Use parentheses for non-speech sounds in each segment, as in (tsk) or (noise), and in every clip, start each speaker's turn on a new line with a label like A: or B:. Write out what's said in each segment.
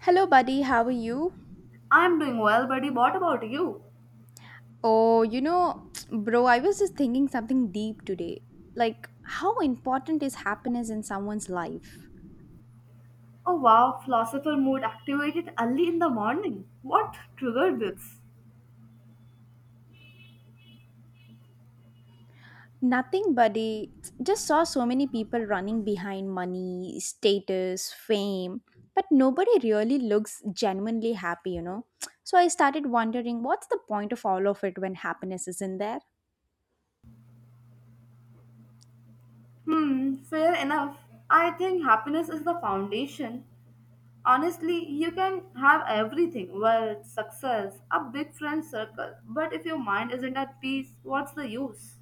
A: Hello, buddy. How are you?
B: I'm doing well, buddy. What about you?
A: Oh, you know, (tsk) bro, I was just thinking something deep today. Like, how important is happiness in someone's life?
B: Oh wow, philosopher mood activated early in the morning. What triggered this?
A: Nothing, buddy. Just saw so many people running behind money, status, fame, but nobody really looks genuinely happy, you know? (tsk) So I started wondering, what's the point of all of it when happiness isn't there?
B: Hmm, fair enough. I think happiness is the foundation. Honestly, you can have everything wealth, success, a big friend circle. But if your mind isn't at peace, what's the use?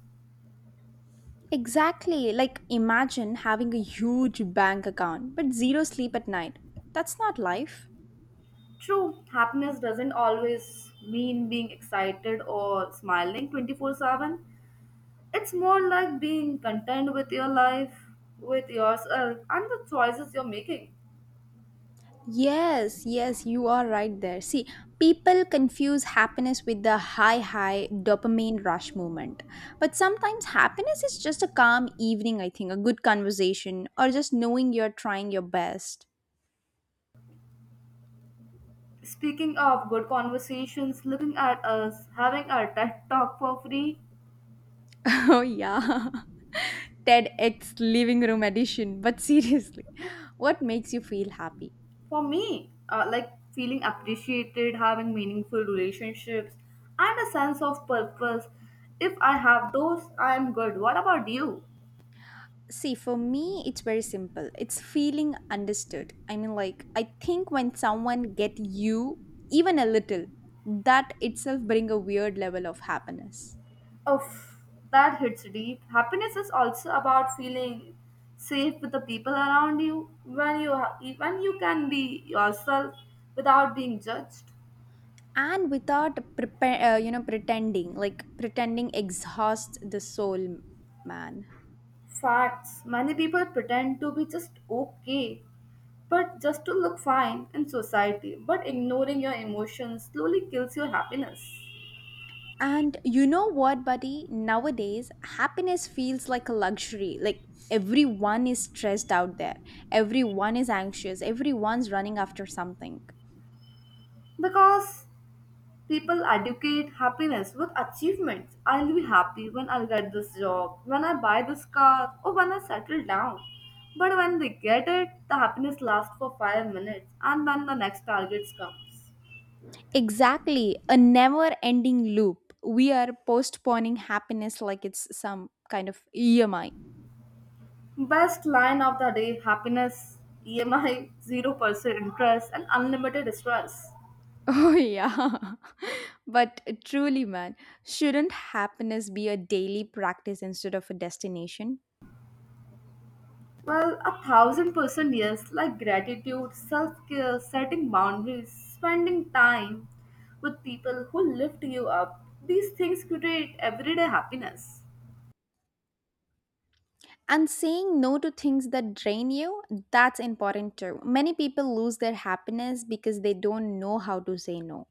A: Exactly. Like, imagine having a huge bank account, but zero sleep at night. That's not life.
B: True, happiness doesn't always mean being excited or smiling 24/7. It's more like being content with your life, with yourself, and the choices you're making.
A: Yes, yes, you are right there. See, people confuse happiness with the high dopamine rush moment. But sometimes happiness is just a calm evening, I think, a good conversation, or just knowing you're trying your best.
B: Speaking of good conversations, looking at us, having our TED talk for free,
A: (laughs) Oh, yeah. TEDx living room edition. But seriously, (laughs) what makes you feel happy?
B: for me, like feeling appreciated, having meaningful relationships, and a sense of purpose. If I have those, I am good. What about you?
A: See, for me, it's very simple. It's feeling understood. I mean, like, I think when someone get you even a little, that itself bring a weird level of happiness.
B: Oof, that hits deep. Happiness is also about feeling safe with the people around you when you when you can be yourself without being judged.
A: And without prepare, pretending, like pretending exhausts the soul, man.
B: Facts. Many people pretend to be just okay, but just to look fine in society. But ignoring your emotions slowly kills your happiness
A: And you know what, buddy? Nowadays, happiness feels like a luxury. Like everyone is stressed out there. Everyone is anxious. Everyone's running after something.
B: because people educate happiness with achievements. I'll be happy when I'll get this job, when I buy this car, or when I settle down. But when they get it, the happiness lasts for 5 minutes and then the next target comes.
A: Exactly, a never ending loop. We are postponing happiness like it's some kind of EMI. (laughs)
B: Best line of the day happiness, EMI, 0% (laughs) interest, and unlimited stress.
A: Oh, yeah. (laughs) But truly, man, shouldn't happiness be a daily practice instead of a destination?
B: Well, 1,000% yes, like gratitude, self care, setting boundaries, spending time with people who lift you up. These things create everyday happiness.
A: And saying no to things that drain you, that's important too. Many people lose their happiness because they don't know how to say no.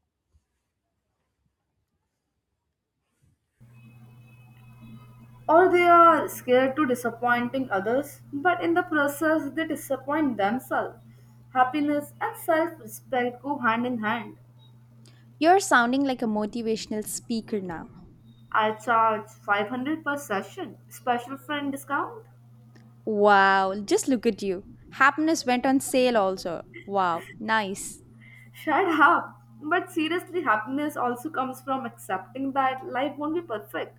B: Or they are scared to disappointing others, but in the process they disappoint themselves. Happiness and self respect go hand in hand.
A: You're sounding like a motivational speaker now.
B: I charge 500 per session, special friend discount.
A: Wow, just look at you. Happiness went on sale also. Wow, nice.
B: Shut up. But seriously, happiness also comes from accepting that life won't be perfect,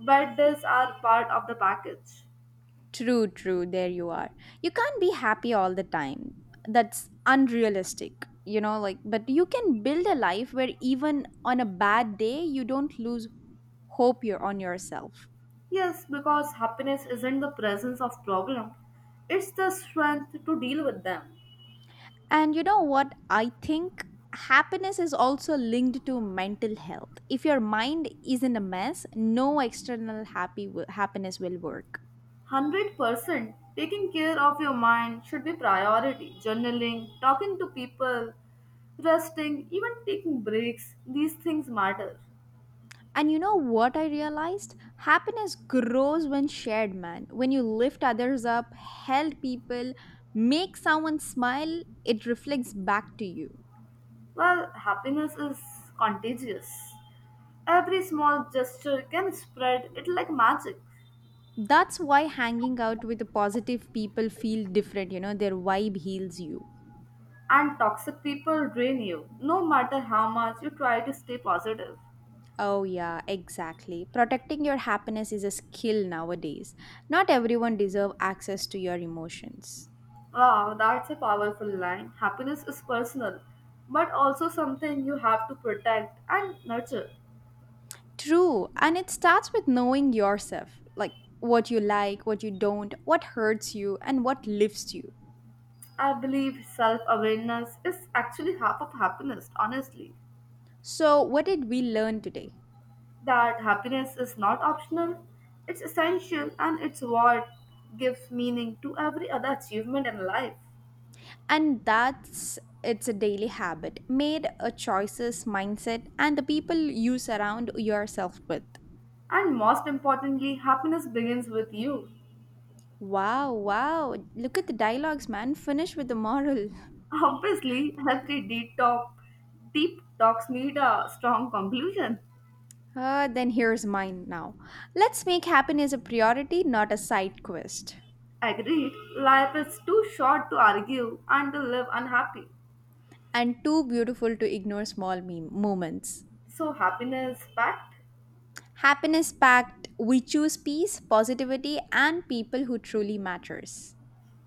B: but these are part of the package.
A: True, true, there you are. You can't be happy all the time. That's unrealistic, you know, like, but you can build a life where even on a bad day, you don't lose hope you're on yourself.
B: Yes, because happiness isn't the presence of problem, it's the strength to deal with them.
A: And you know what? I think happiness is also linked to mental health. If your mind is in a mess, no external happiness will work.
B: 100% taking care of your mind should be priority. Journaling, talking to people, resting, even taking breaks, these things matter.
A: And you know what I realized? Happiness grows when shared, man. When you lift others up, help people, make someone smile, it reflects back to you.
B: Well, happiness is contagious. Every small gesture can spread it like magic,
A: That's why hanging out with the positive people feel different, you know, their vibe heals you.
B: and toxic people drain you, no matter how much you try to stay positive.
A: Oh, yeah, exactly. Protecting your happiness is a skill nowadays. Not everyone deserves access to your emotions.
B: Wow, that's a powerful line. Happiness is personal, but also something you have to protect and nurture.
A: True. And it starts with knowing yourself, like, what you don't, what hurts you, and what lifts you.
B: I believe self awareness is actually half of happiness, honestly.
A: So, what did we learn today?
B: That happiness is not optional, it's essential and it's what gives meaning to every other achievement in life.
A: And that's it's a daily habit made a choices mindset and the people you surround yourself with.
B: And most importantly, happiness begins with you.
A: Wow, wow. Look at the dialogues, man. Finish with the moral. (laughs)
B: Obviously, every deep talk, deep talks need a strong conclusion.
A: Then here's mine now. Let's make happiness a priority, not a side quest.
B: Agreed, life is too short to argue and to live unhappy.
A: And too beautiful to ignore small meme moments.
B: So, happiness fact?
A: Happiness pact, we choose peace, positivity and people who truly matters.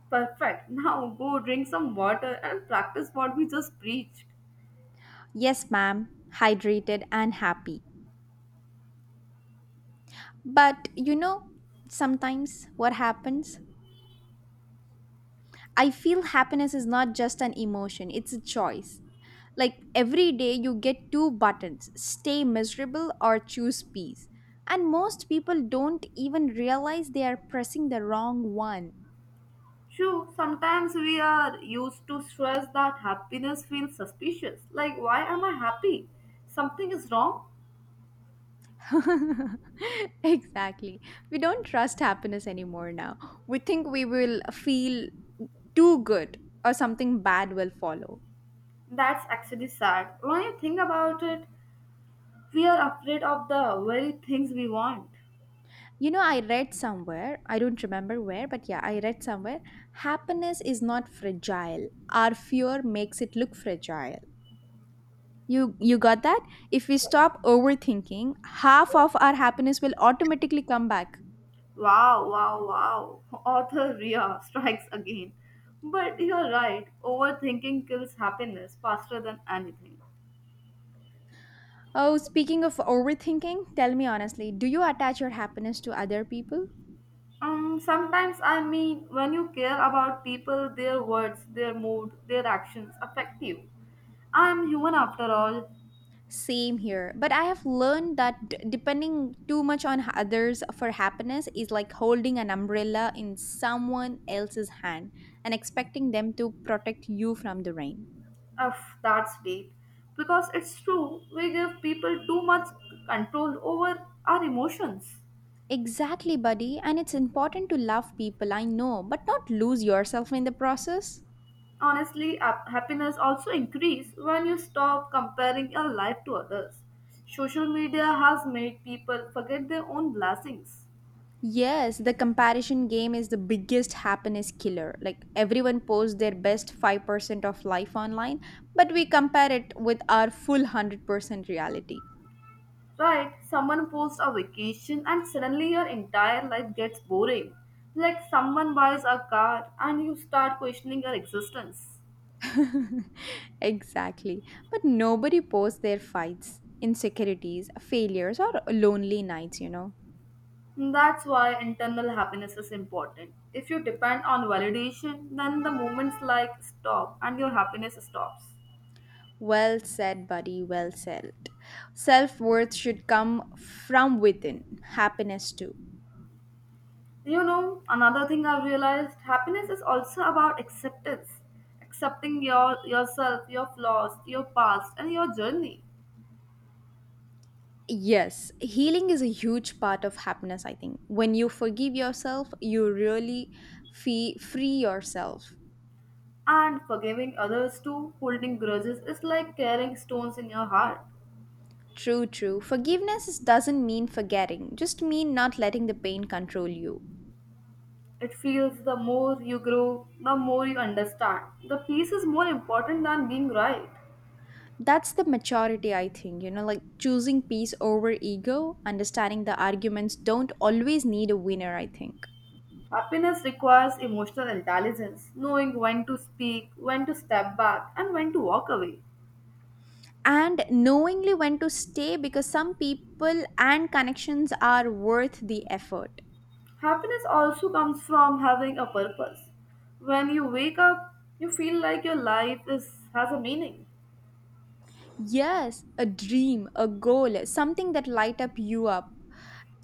B: Perfect. Now go drink some water and practice what we just preached.
A: Yes, ma'am, hydrated and happy. But you know, sometimes what happens? I feel happiness is not just an emotion, it's a choice. Like every day you get two buttons, stay miserable or choose peace. And most people don't even realize they are pressing the wrong one.
B: True, sometimes we are used to stress that happiness feels suspicious. Like, why am I happy? Something is wrong?
A: (laughs) Exactly. We don't trust happiness anymore now. We think we will feel too good or something bad will follow.
B: That's actually sad. When you think about it, we are afraid of the very things we want.
A: You know, I read somewhere, I don't remember where, but yeah, I read somewhere, happiness is not fragile. Our fear makes it look fragile. You got that? If we stop overthinking, half of our happiness will automatically come back.
B: Wow, wow, wow. (laughs) Author Ria strikes again. But you're right, overthinking kills happiness faster than anything.
A: Oh, speaking of overthinking, tell me honestly, do you attach your happiness to other people?
B: Sometimes I mean, when you care about people, their words, their mood, their actions affect you. I'm human after all.
A: Same here. But I have learned that depending too much on others for happiness is like holding an umbrella in someone else's hand and expecting them to protect you from the rain.
B: Ugh, that's deep. Because it's true, we give people too much control over our emotions.
A: Exactly, buddy. And it's important to love people, I know, but not lose yourself in the process.
B: Honestly, happiness also increases when you stop comparing your life to others. Social media has made people forget their own blessings.
A: Yes, the comparison game is the biggest happiness killer. Like everyone posts their best 5% of life online, but we compare it with our full 100% reality.
B: Right, someone posts a vacation and suddenly your entire life gets boring. Like someone buys a car and you start questioning your existence.
A: (laughs) Exactly. But nobody posts their fights, insecurities, failures, or lonely nights, you know.
B: That's why internal happiness is important. If you depend on validation, then the moments like stop and your happiness stops.
A: Well said, buddy. Well said. Self worth should come from within, happiness too.
B: You know, another thing I've realized happiness is also about acceptance. Accepting your yourself, your flaws, your past and your journey.
A: Yes, healing is a huge part of happiness, I think. When you forgive yourself, you really free yourself.
B: And forgiving others too, holding grudges is like carrying stones in your heart.
A: True, true. Forgiveness is- doesn't mean forgetting, just mean not letting the pain control you.
B: It feels the more you grow, the more you understand. The peace is more important than being right.
A: That's the maturity, I think, you know, like choosing peace over ego, understanding the arguments don't always need a winner, I think.
B: Happiness requires emotional intelligence, knowing when to speak, when to step back, and when to walk away.
A: And knowingly when to stay because some people and connections are worth the effort.
B: Happiness also comes from having a purpose. When you wake up, you feel like your life has a meaning.
A: Yes, a dream, a goal, something that light up you up.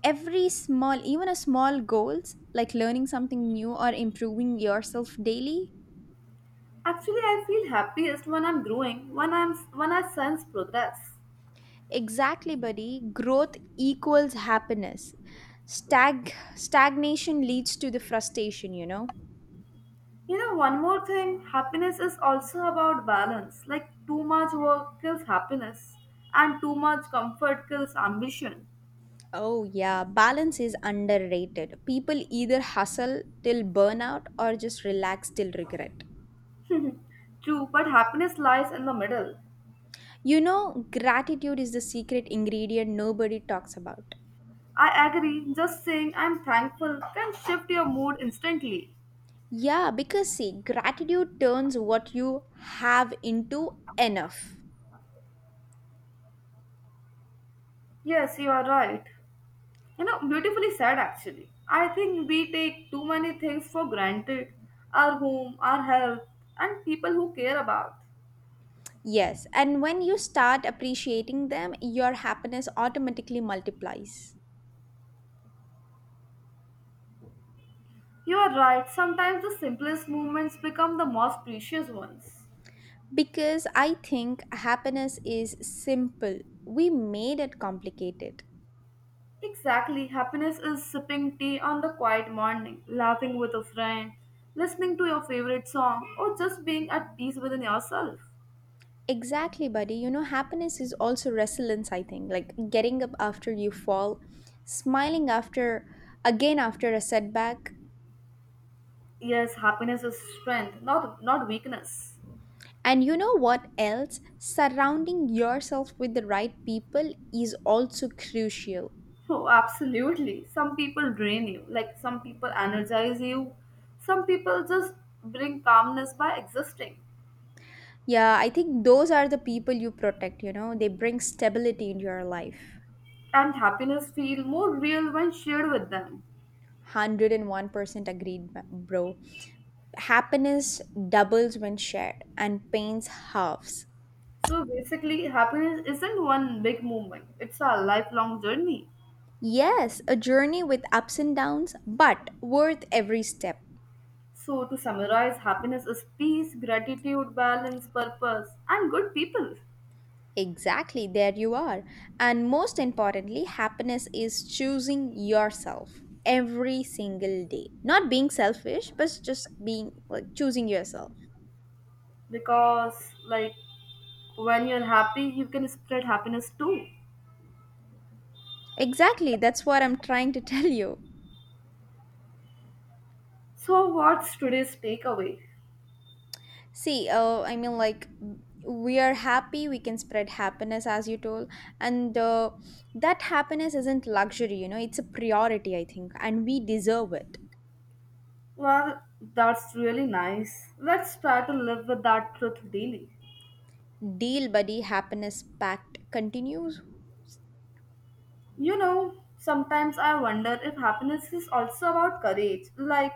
A: Every small, even a small goals like learning something new or improving yourself daily.
B: Actually, I feel happiest when I'm growing, when I sense progress.
A: Exactly, buddy. Growth equals happiness. Stagnation leads to the frustration, you know.
B: You know, one more thing, happiness is also about balance. Like too much work kills happiness, and too much comfort kills ambition.
A: Oh yeah, balance is underrated. People either hustle till burnout or just relax till regret.
B: True, but happiness lies in the middle.
A: You know, gratitude is the secret ingredient nobody talks about.
B: I agree, just saying I'm thankful can shift your mood instantly.
A: Yeah, because see, gratitude turns what you have into enough.
B: Yes, you are right. You know, beautifully said actually. I think we take too many things for granted our home, our health, and people who care about.
A: Yes, and when you start appreciating them, your happiness automatically multiplies.
B: You are right, sometimes the simplest moments become the most precious ones.
A: Because I think happiness is simple. We made it complicated.
B: Exactly, happiness is sipping tea on the quiet morning, laughing with a friend, listening to your favorite song, or just being at peace within yourself.
A: Exactly, buddy. You know, happiness is also resilience, I think. Like getting up after you fall, smiling after, again after a setback.
B: Yes, happiness is strength, not weakness.
A: And you know what else? Surrounding yourself with the right people is also crucial.
B: Oh, absolutely. Some people drain you, like some people energize you. Some people just bring calmness by existing.
A: Yeah, I think those are the people you protect, you know, they bring stability in your life.
B: And happiness feel more real when shared with them.
A: 101% agreed, bro. Happiness doubles when shared, and pains halves.
B: So basically, happiness isn't one big moment. It's a lifelong journey.
A: Yes, a journey with ups and downs, but worth every step.
B: So to summarize, happiness is peace, gratitude, balance, purpose, and good people.
A: Exactly, there you are. And most importantly, happiness is choosing yourself every single day. Not being selfish, but just being like choosing yourself.
B: Because like when you're happy, you can spread happiness too.
A: Exactly, that's what I'm trying to (laughs) tell you.
B: So, what's today's takeaway?
A: See, I mean, like, we are happy, we can spread happiness, as you told. And that happiness isn't luxury, you know, it's a priority, I think, and we deserve it.
B: Well, that's really nice. Let's try to live with that truth daily.
A: Deal, buddy, happiness pact continues.
B: You know, sometimes I wonder if happiness is also about courage. Like,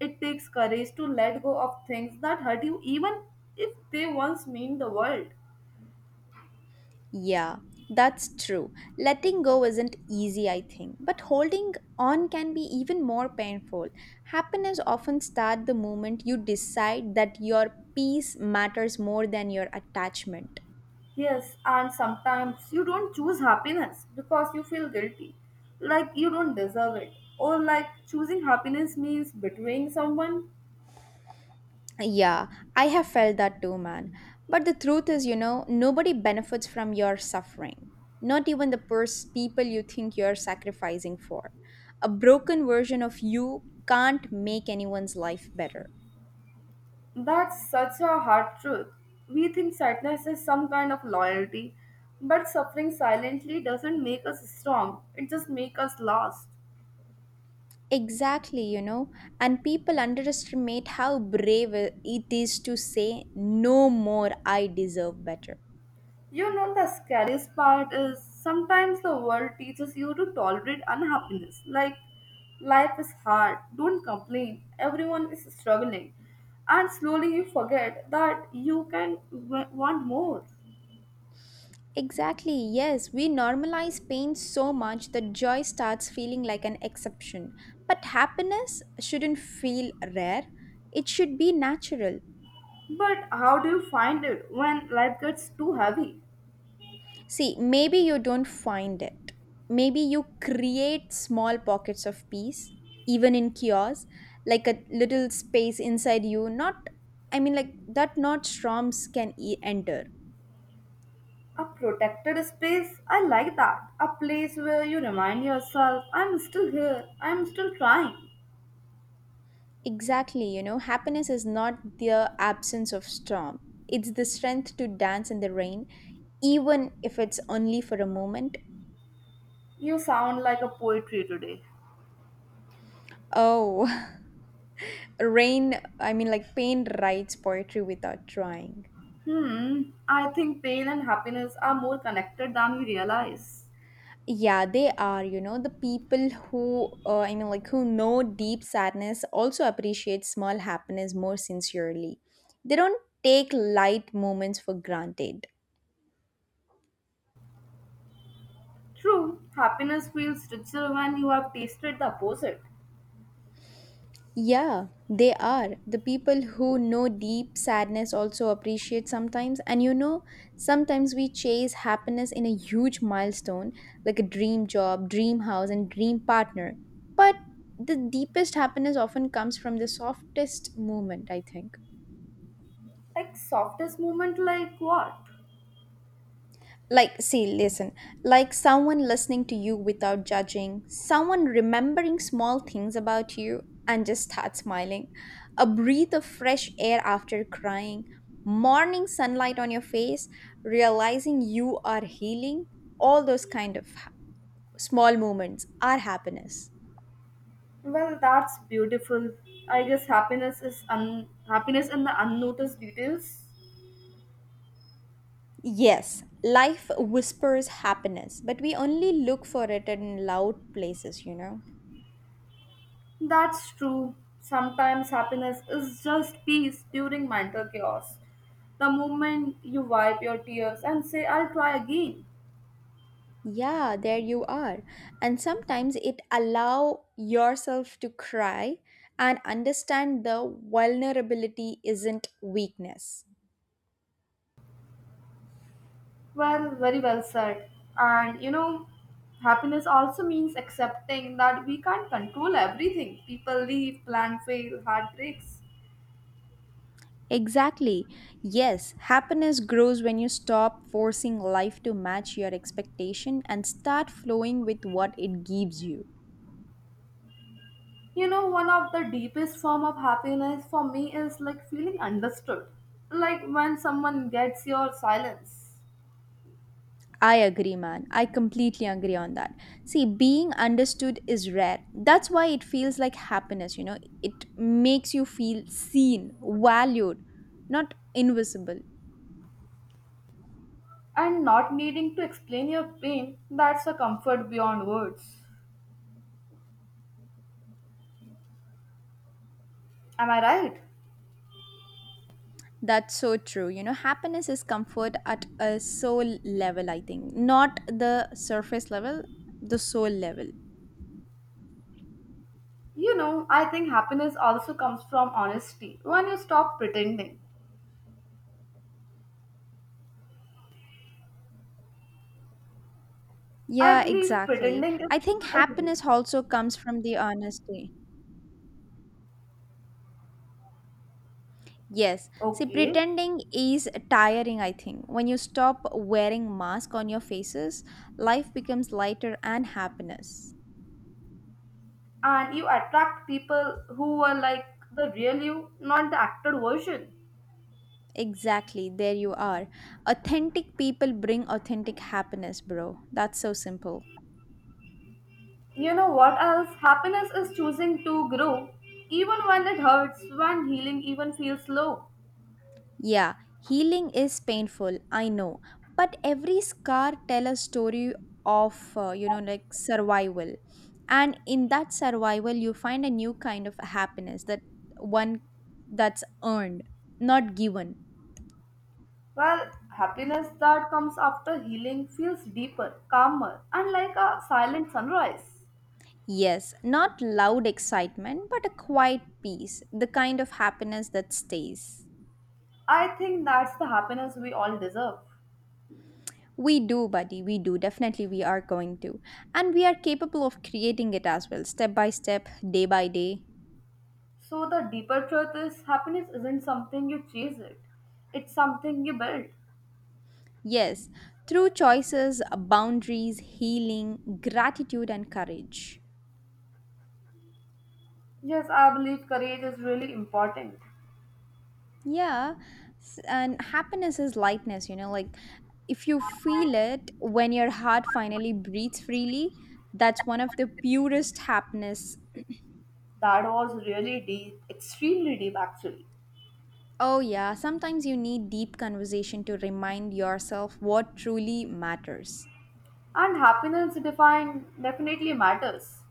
B: it takes courage to let go of things that hurt you, even if they once mean the world.
A: Yeah, that's true. Letting go isn't easy, I think, but holding on can be even more painful. Happiness often starts the moment you decide that your peace matters more than your attachment.
B: Yes, and sometimes you don't choose happiness because you feel guilty, like you don't deserve it, or like choosing happiness means betraying someone.
A: Yeah, I have felt that too, man. But the truth is, you know, nobody benefits from your suffering. Not even the people you think you're sacrificing for. A broken version of you can't make anyone's life better.
B: That's such a hard truth. We think sadness is some kind of loyalty, but suffering silently doesn't make us strong, it just makes us lost.
A: Exactly, you know, and people underestimate how brave it is to say, no more, I deserve better.
B: You know, the scariest part is sometimes the world teaches you to tolerate unhappiness. Like, life is hard, don't complain, everyone is struggling. And slowly you forget that you can want more.
A: Exactly, yes, we normalize pain so much that joy starts feeling like an exception. But happiness shouldn't feel rare, it should be natural.
B: But how do you find it when life gets too heavy?
A: See, maybe you don't find it. Maybe you create small pockets of peace, even in chaos, like a little space inside you, not, I mean, like that, not storms can enter.
B: A protected space? I like that. A place where you remind yourself, I'm still here, I'm still trying.
A: Exactly, you know, happiness is not the absence of storm. It's the strength to dance in the rain, even if it's only for a moment.
B: You sound like a poetry today.
A: Oh, (laughs) rain, I mean, like pain writes poetry without trying.
B: Hmm, I think pain and happiness are more connected than we realize.
A: Yeah, they are, you know, the people who, I mean, like, who know deep sadness also appreciate small happiness more sincerely. They don't take light moments for granted.
B: True, happiness feels richer when you have tasted the opposite.
A: Yeah, they are. The people who know deep sadness also appreciate sometimes. And you know, sometimes we chase happiness in a huge milestone, like a dream job, dream house, and dream partner. But the deepest happiness often comes from the softest moment, I think.
B: Like softest moment, like what?
A: Like see listen, like someone listening to you without judging, someone remembering small things about you and just start smiling, a breath of fresh air after crying, morning sunlight on your face, realizing you are healing, all those kind of small moments are happiness.
B: Well, that's beautiful. I guess happiness is happiness in the unnoticed details.
A: Yes, life whispers happiness, but we only look for it in loud places, you know.
B: That's true. Sometimes happiness is just peace during mental chaos. The moment you wipe your tears and say, I'll try again.
A: Yeah, there you are. And sometimes it allow yourself to cry and understand the vulnerability isn't weakness.
B: Well, very well said. And you know, happiness also means accepting that we can't control everything. People leave, plan fail, heartbreaks.
A: Exactly, yes, happiness grows when you stop forcing life to match your expectation and start flowing with what it gives you.
B: You know, one of the deepest form of happiness for me is like feeling understood. Like when someone gets your silence.
A: I agree, man. I completely agree on that. See, being understood is rare. That's why it feels like happiness, you know. It makes you feel seen, valued, not invisible.
B: And not needing to explain your pain, that's a comfort beyond words. Am I right?
A: That's so true. You know, happiness is comfort at a soul level, I think, not the surface level, the soul level.
B: You know, I think happiness also comes from honesty when you stop pretending. I
A: Yeah,
B: believe
A: exactly.
B: pretending is
A: I think happiness
B: empowering.
A: also comes from the honesty. Yes. See,
B: Okay,
A: pretending is tiring, I think. When you stop wearing mask on your faces, life becomes lighter and happiness.
B: and you attract people who are like the real you, not the acted version.
A: Exactly. There you are. Authentic people bring authentic happiness, bro. That's so simple.
B: You know what else? Happiness is choosing to grow, even when it hurts, when healing even feels low.
A: Yeah, healing is painful, I know, but every scar tell a story of you know like survival. And in that survival you find a new kind of happiness that one that's earned, not given.
B: Well, happiness that comes after healing feels deeper, calmer, and like a silent sunrise.
A: Yes, not loud excitement, but a quiet peace, the kind of happiness that stays.
B: I think that's the happiness we all deserve.
A: We do, buddy, we do. Definitely, we are going to. And we are capable of creating it as well, step by step, day by day.
B: So, the deeper truth is happiness isn't something you chase it, it's something you build.
A: Yes, through choices, boundaries, healing, gratitude, and courage.
B: Yes, I believe courage is really important.
A: Yeah, and happiness is lightness, you know, like if you feel it when your heart finally breathes freely, that's one of the purest happiness.
B: That was really deep, extremely deep actually.
A: Oh, yeah, sometimes you need deep conversation to remind yourself what truly matters.
B: And happiness define definitely matters.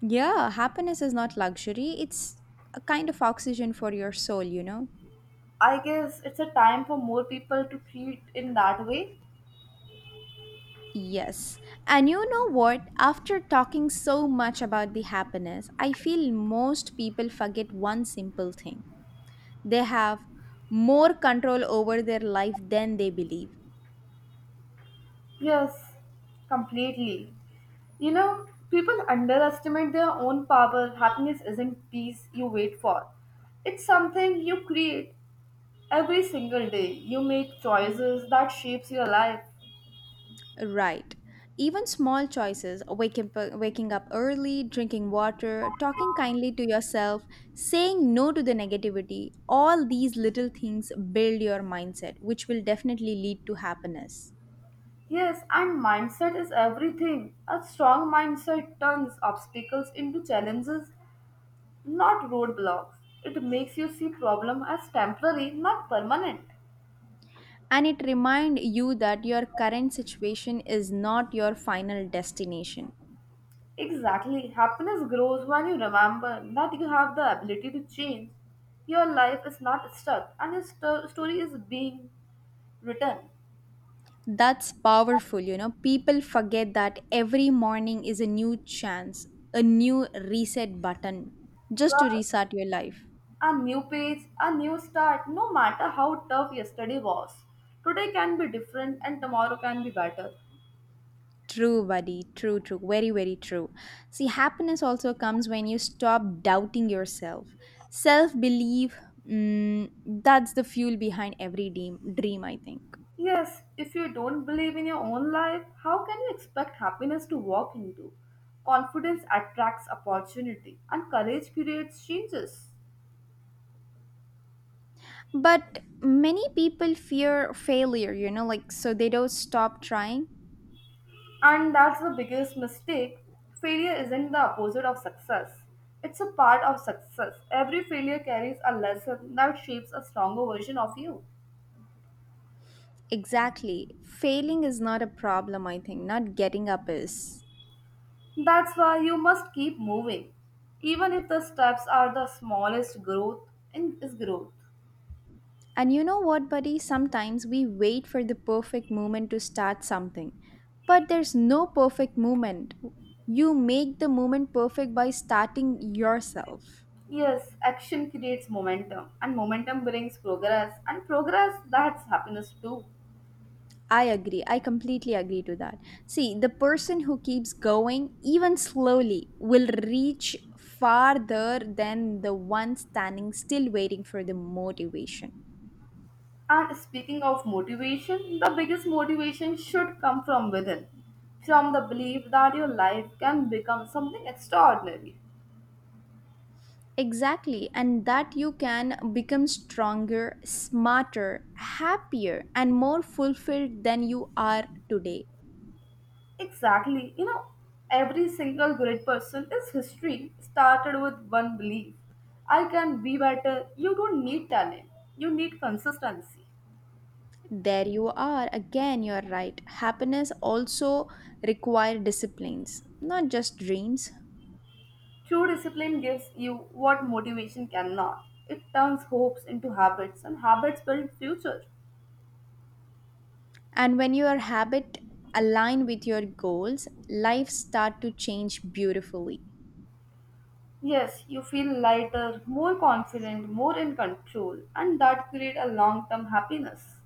A: Yeah, happiness is not luxury, it's a kind of oxygen for your soul, you know.
B: I guess it's a time for more people to treat in that way.
A: Yes. And you know what? After talking so much about the happiness, I feel most people forget one simple thing. They have more control over their life than they believe.
B: Yes, completely. You know, people underestimate their own power. Happiness isn't peace you wait for, it's something you create every single day. You make choices that shapes your life.
A: Right. Even small choices, waking up early, drinking water, talking kindly to yourself, saying no to the negativity, all these little things build your mindset, which will definitely lead to happiness.
B: Yes, and mindset is everything. A strong mindset turns obstacles into challenges, not roadblocks. It makes you see problem as temporary, not permanent.
A: And it reminds you that your current situation is not your final destination.
B: Exactly. Happiness grows when you remember that you have the ability to change. Your life is not stuck, and your story is being written.
A: That's powerful, you know. People forget that every morning is a new chance, a new reset button
B: So,
A: just to restart your life.
B: a new page, a new start, no matter how tough yesterday was. Today can be different, and tomorrow can be better.
A: True, buddy. True, true. Very, very true. See, happiness also comes when you stop doubting yourself. Self belief, mm, that's the fuel behind every dream, I think.
B: Yes, if you don't believe in your own life, how can you expect happiness to walk into? Confidence attracts opportunity, and courage creates changes.
A: But many people fear failure, you know, like so they don't stop trying.
B: And that's the biggest mistake. Failure isn't the opposite of success, it's a part of success. Every failure carries a lesson that shapes a stronger version of you.
A: Exactly. Failing is not a problem, I think. Not getting up is.
B: That's why you must keep moving, even if the steps are the smallest growth in is growth.
A: And you know what, buddy? Sometimes we wait for the perfect moment to start something. But there's no perfect moment. You make the moment perfect by starting yourself.
B: Yes, action creates momentum, and momentum brings progress, and progress that's happiness too.
A: I agree. I completely agree to that. See, the person who keeps going, even slowly, will reach farther than the one standing still waiting for the motivation.
B: And speaking of motivation, the biggest motivation should come from within, from the belief that your life can become something extraordinary.
A: Exactly. And that you can become stronger, smarter, happier, and more fulfilled than you are today.
B: Exactly, you know, every single great person is history started with one belief I can be better. You don't need talent, you need consistency.
A: There you are. Again, you're right. Happiness also require disciplines, not just dreams.
B: True discipline gives you what motivation cannot. It turns hopes into habits, and habits build future.
A: And when your habit align with your goals, life start to change beautifully.
B: Yes, you feel lighter, more confident, more in control, and that create a long-term happiness.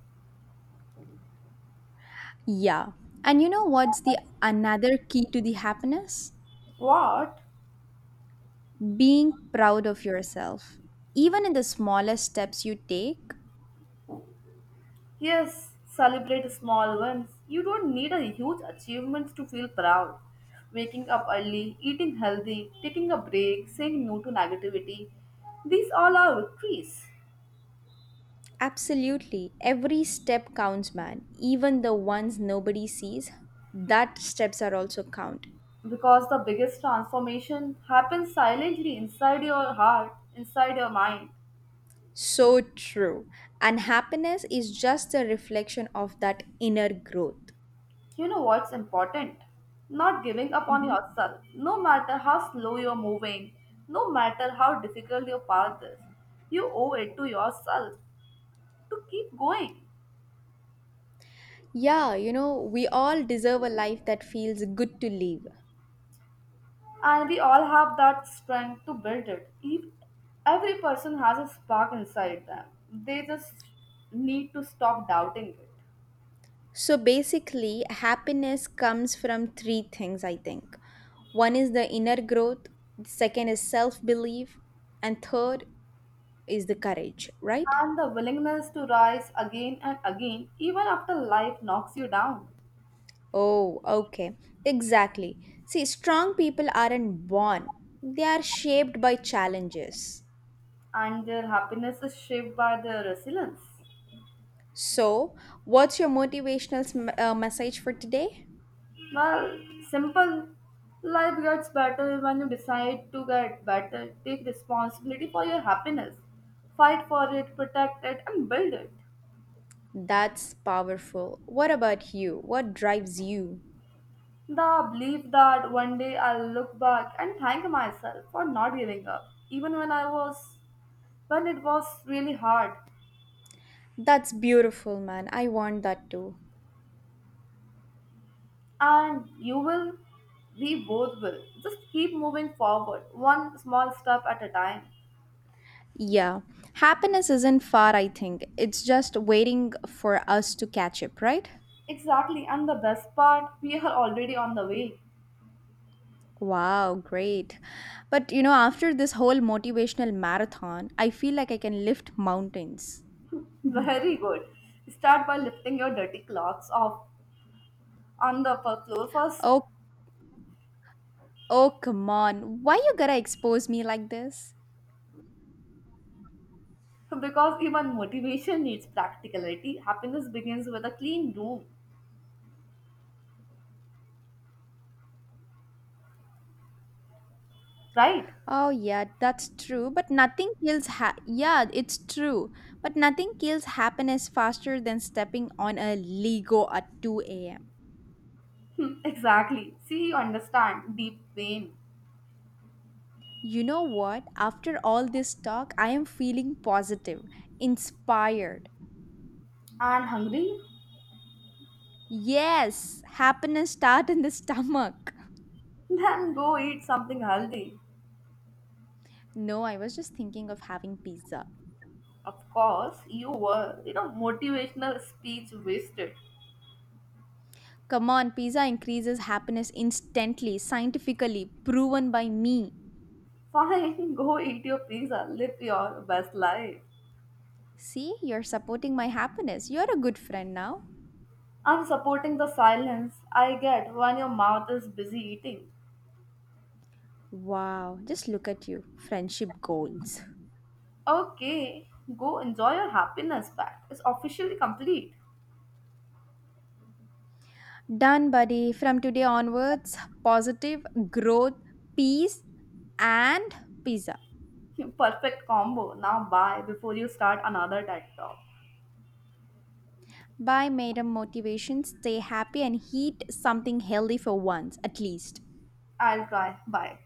A: Yeah. And you know what's the another key to the happiness?
B: What?
A: Being proud of yourself. Even in the smallest steps you take,
B: Yes, celebrate small ones. You don't need a huge achievement to feel proud. Waking up early, eating healthy, taking a break, saying no to negativity. These all are victories.
A: absolutely every step counts, man. Even the ones nobody sees, that steps are also count.
B: Because the biggest transformation happens silently inside your heart, inside your mind.
A: So true. And happiness is just a reflection of that inner growth.
B: You know what's important? Not giving up on
A: Mhm.
B: yourself. No matter how slow you're moving, no matter how difficult your path is, you owe it to yourself to keep going.
A: Yeah, you know, we all deserve a life that feels good to live.
B: And we all have that strength to build it. If every person has a spark inside them, they just need to stop doubting it.
A: So basically, happiness comes from three things, I think. One is the inner growth, second is self belief, and third is the courage, right?
B: And the willingness to rise again and again, even after life knocks you down.
A: Oh, okay. Exactly. See, strong people aren't born, they are shaped by challenges.
B: And their happiness is shaped by their resilience.
A: So, what's your motivational message for today?
B: Well, simple. Life gets better when you decide to get better. Take responsibility for your happiness. Fight for it, protect it, and build it.
A: That's powerful. What about you? What drives you?
B: The belief that one day I'll look back and thank myself for not giving up, even when when it was really hard.
A: That's beautiful, man. I want that too.
B: And you will, we both will. Just keep moving forward, one small step at a time.
A: Yeah. Happiness isn't far, I think. It's just waiting for us to catch up, right?
B: Exactly, and the best part, we are already on the way.
A: Wow, great. But you know, after this whole motivational marathon, I feel like I can lift mountains.
B: Very good. Start by lifting your dirty clothes off on the upper floor first.
A: Oh, oh, come on. Why you gotta expose me like this?
B: Because even motivation needs practicality, happiness begins with a clean room, right?
A: Oh, yeah, that's true. But nothing kills yeah, it's true. But nothing kills happiness faster than stepping on a Lego at 2 a.m.
B: Hmm, exactly. See, you understand deep pain
A: You know what? After all this talk, I am feeling positive, inspired.
B: and hungry?
A: Yes, happiness start in the stomach. (laughs)
B: Then go eat something healthy.
A: No, I was just thinking of having pizza.
B: Of course, you were, you know, motivational speech wasted.
A: Come on, pizza increases happiness instantly, scientifically proven by me.
B: Fine, (laughs) go eat your pizza, live your best life.
A: See, you're supporting my happiness. You're a good friend now.
B: I'm supporting the silence I get when your mouth is busy eating.
A: Wow, just look at you. Friendship goals.
B: Okay, go enjoy your happiness pact. It's officially complete.
A: Done, buddy. From today onwards, positive growth, peace, and pizza.
B: (laughs) Perfect combo. Now bye before you start another TED talk.
A: Bye, madam motivation. Stay happy and eat something healthy for once, at least.
B: I'll try. Bye.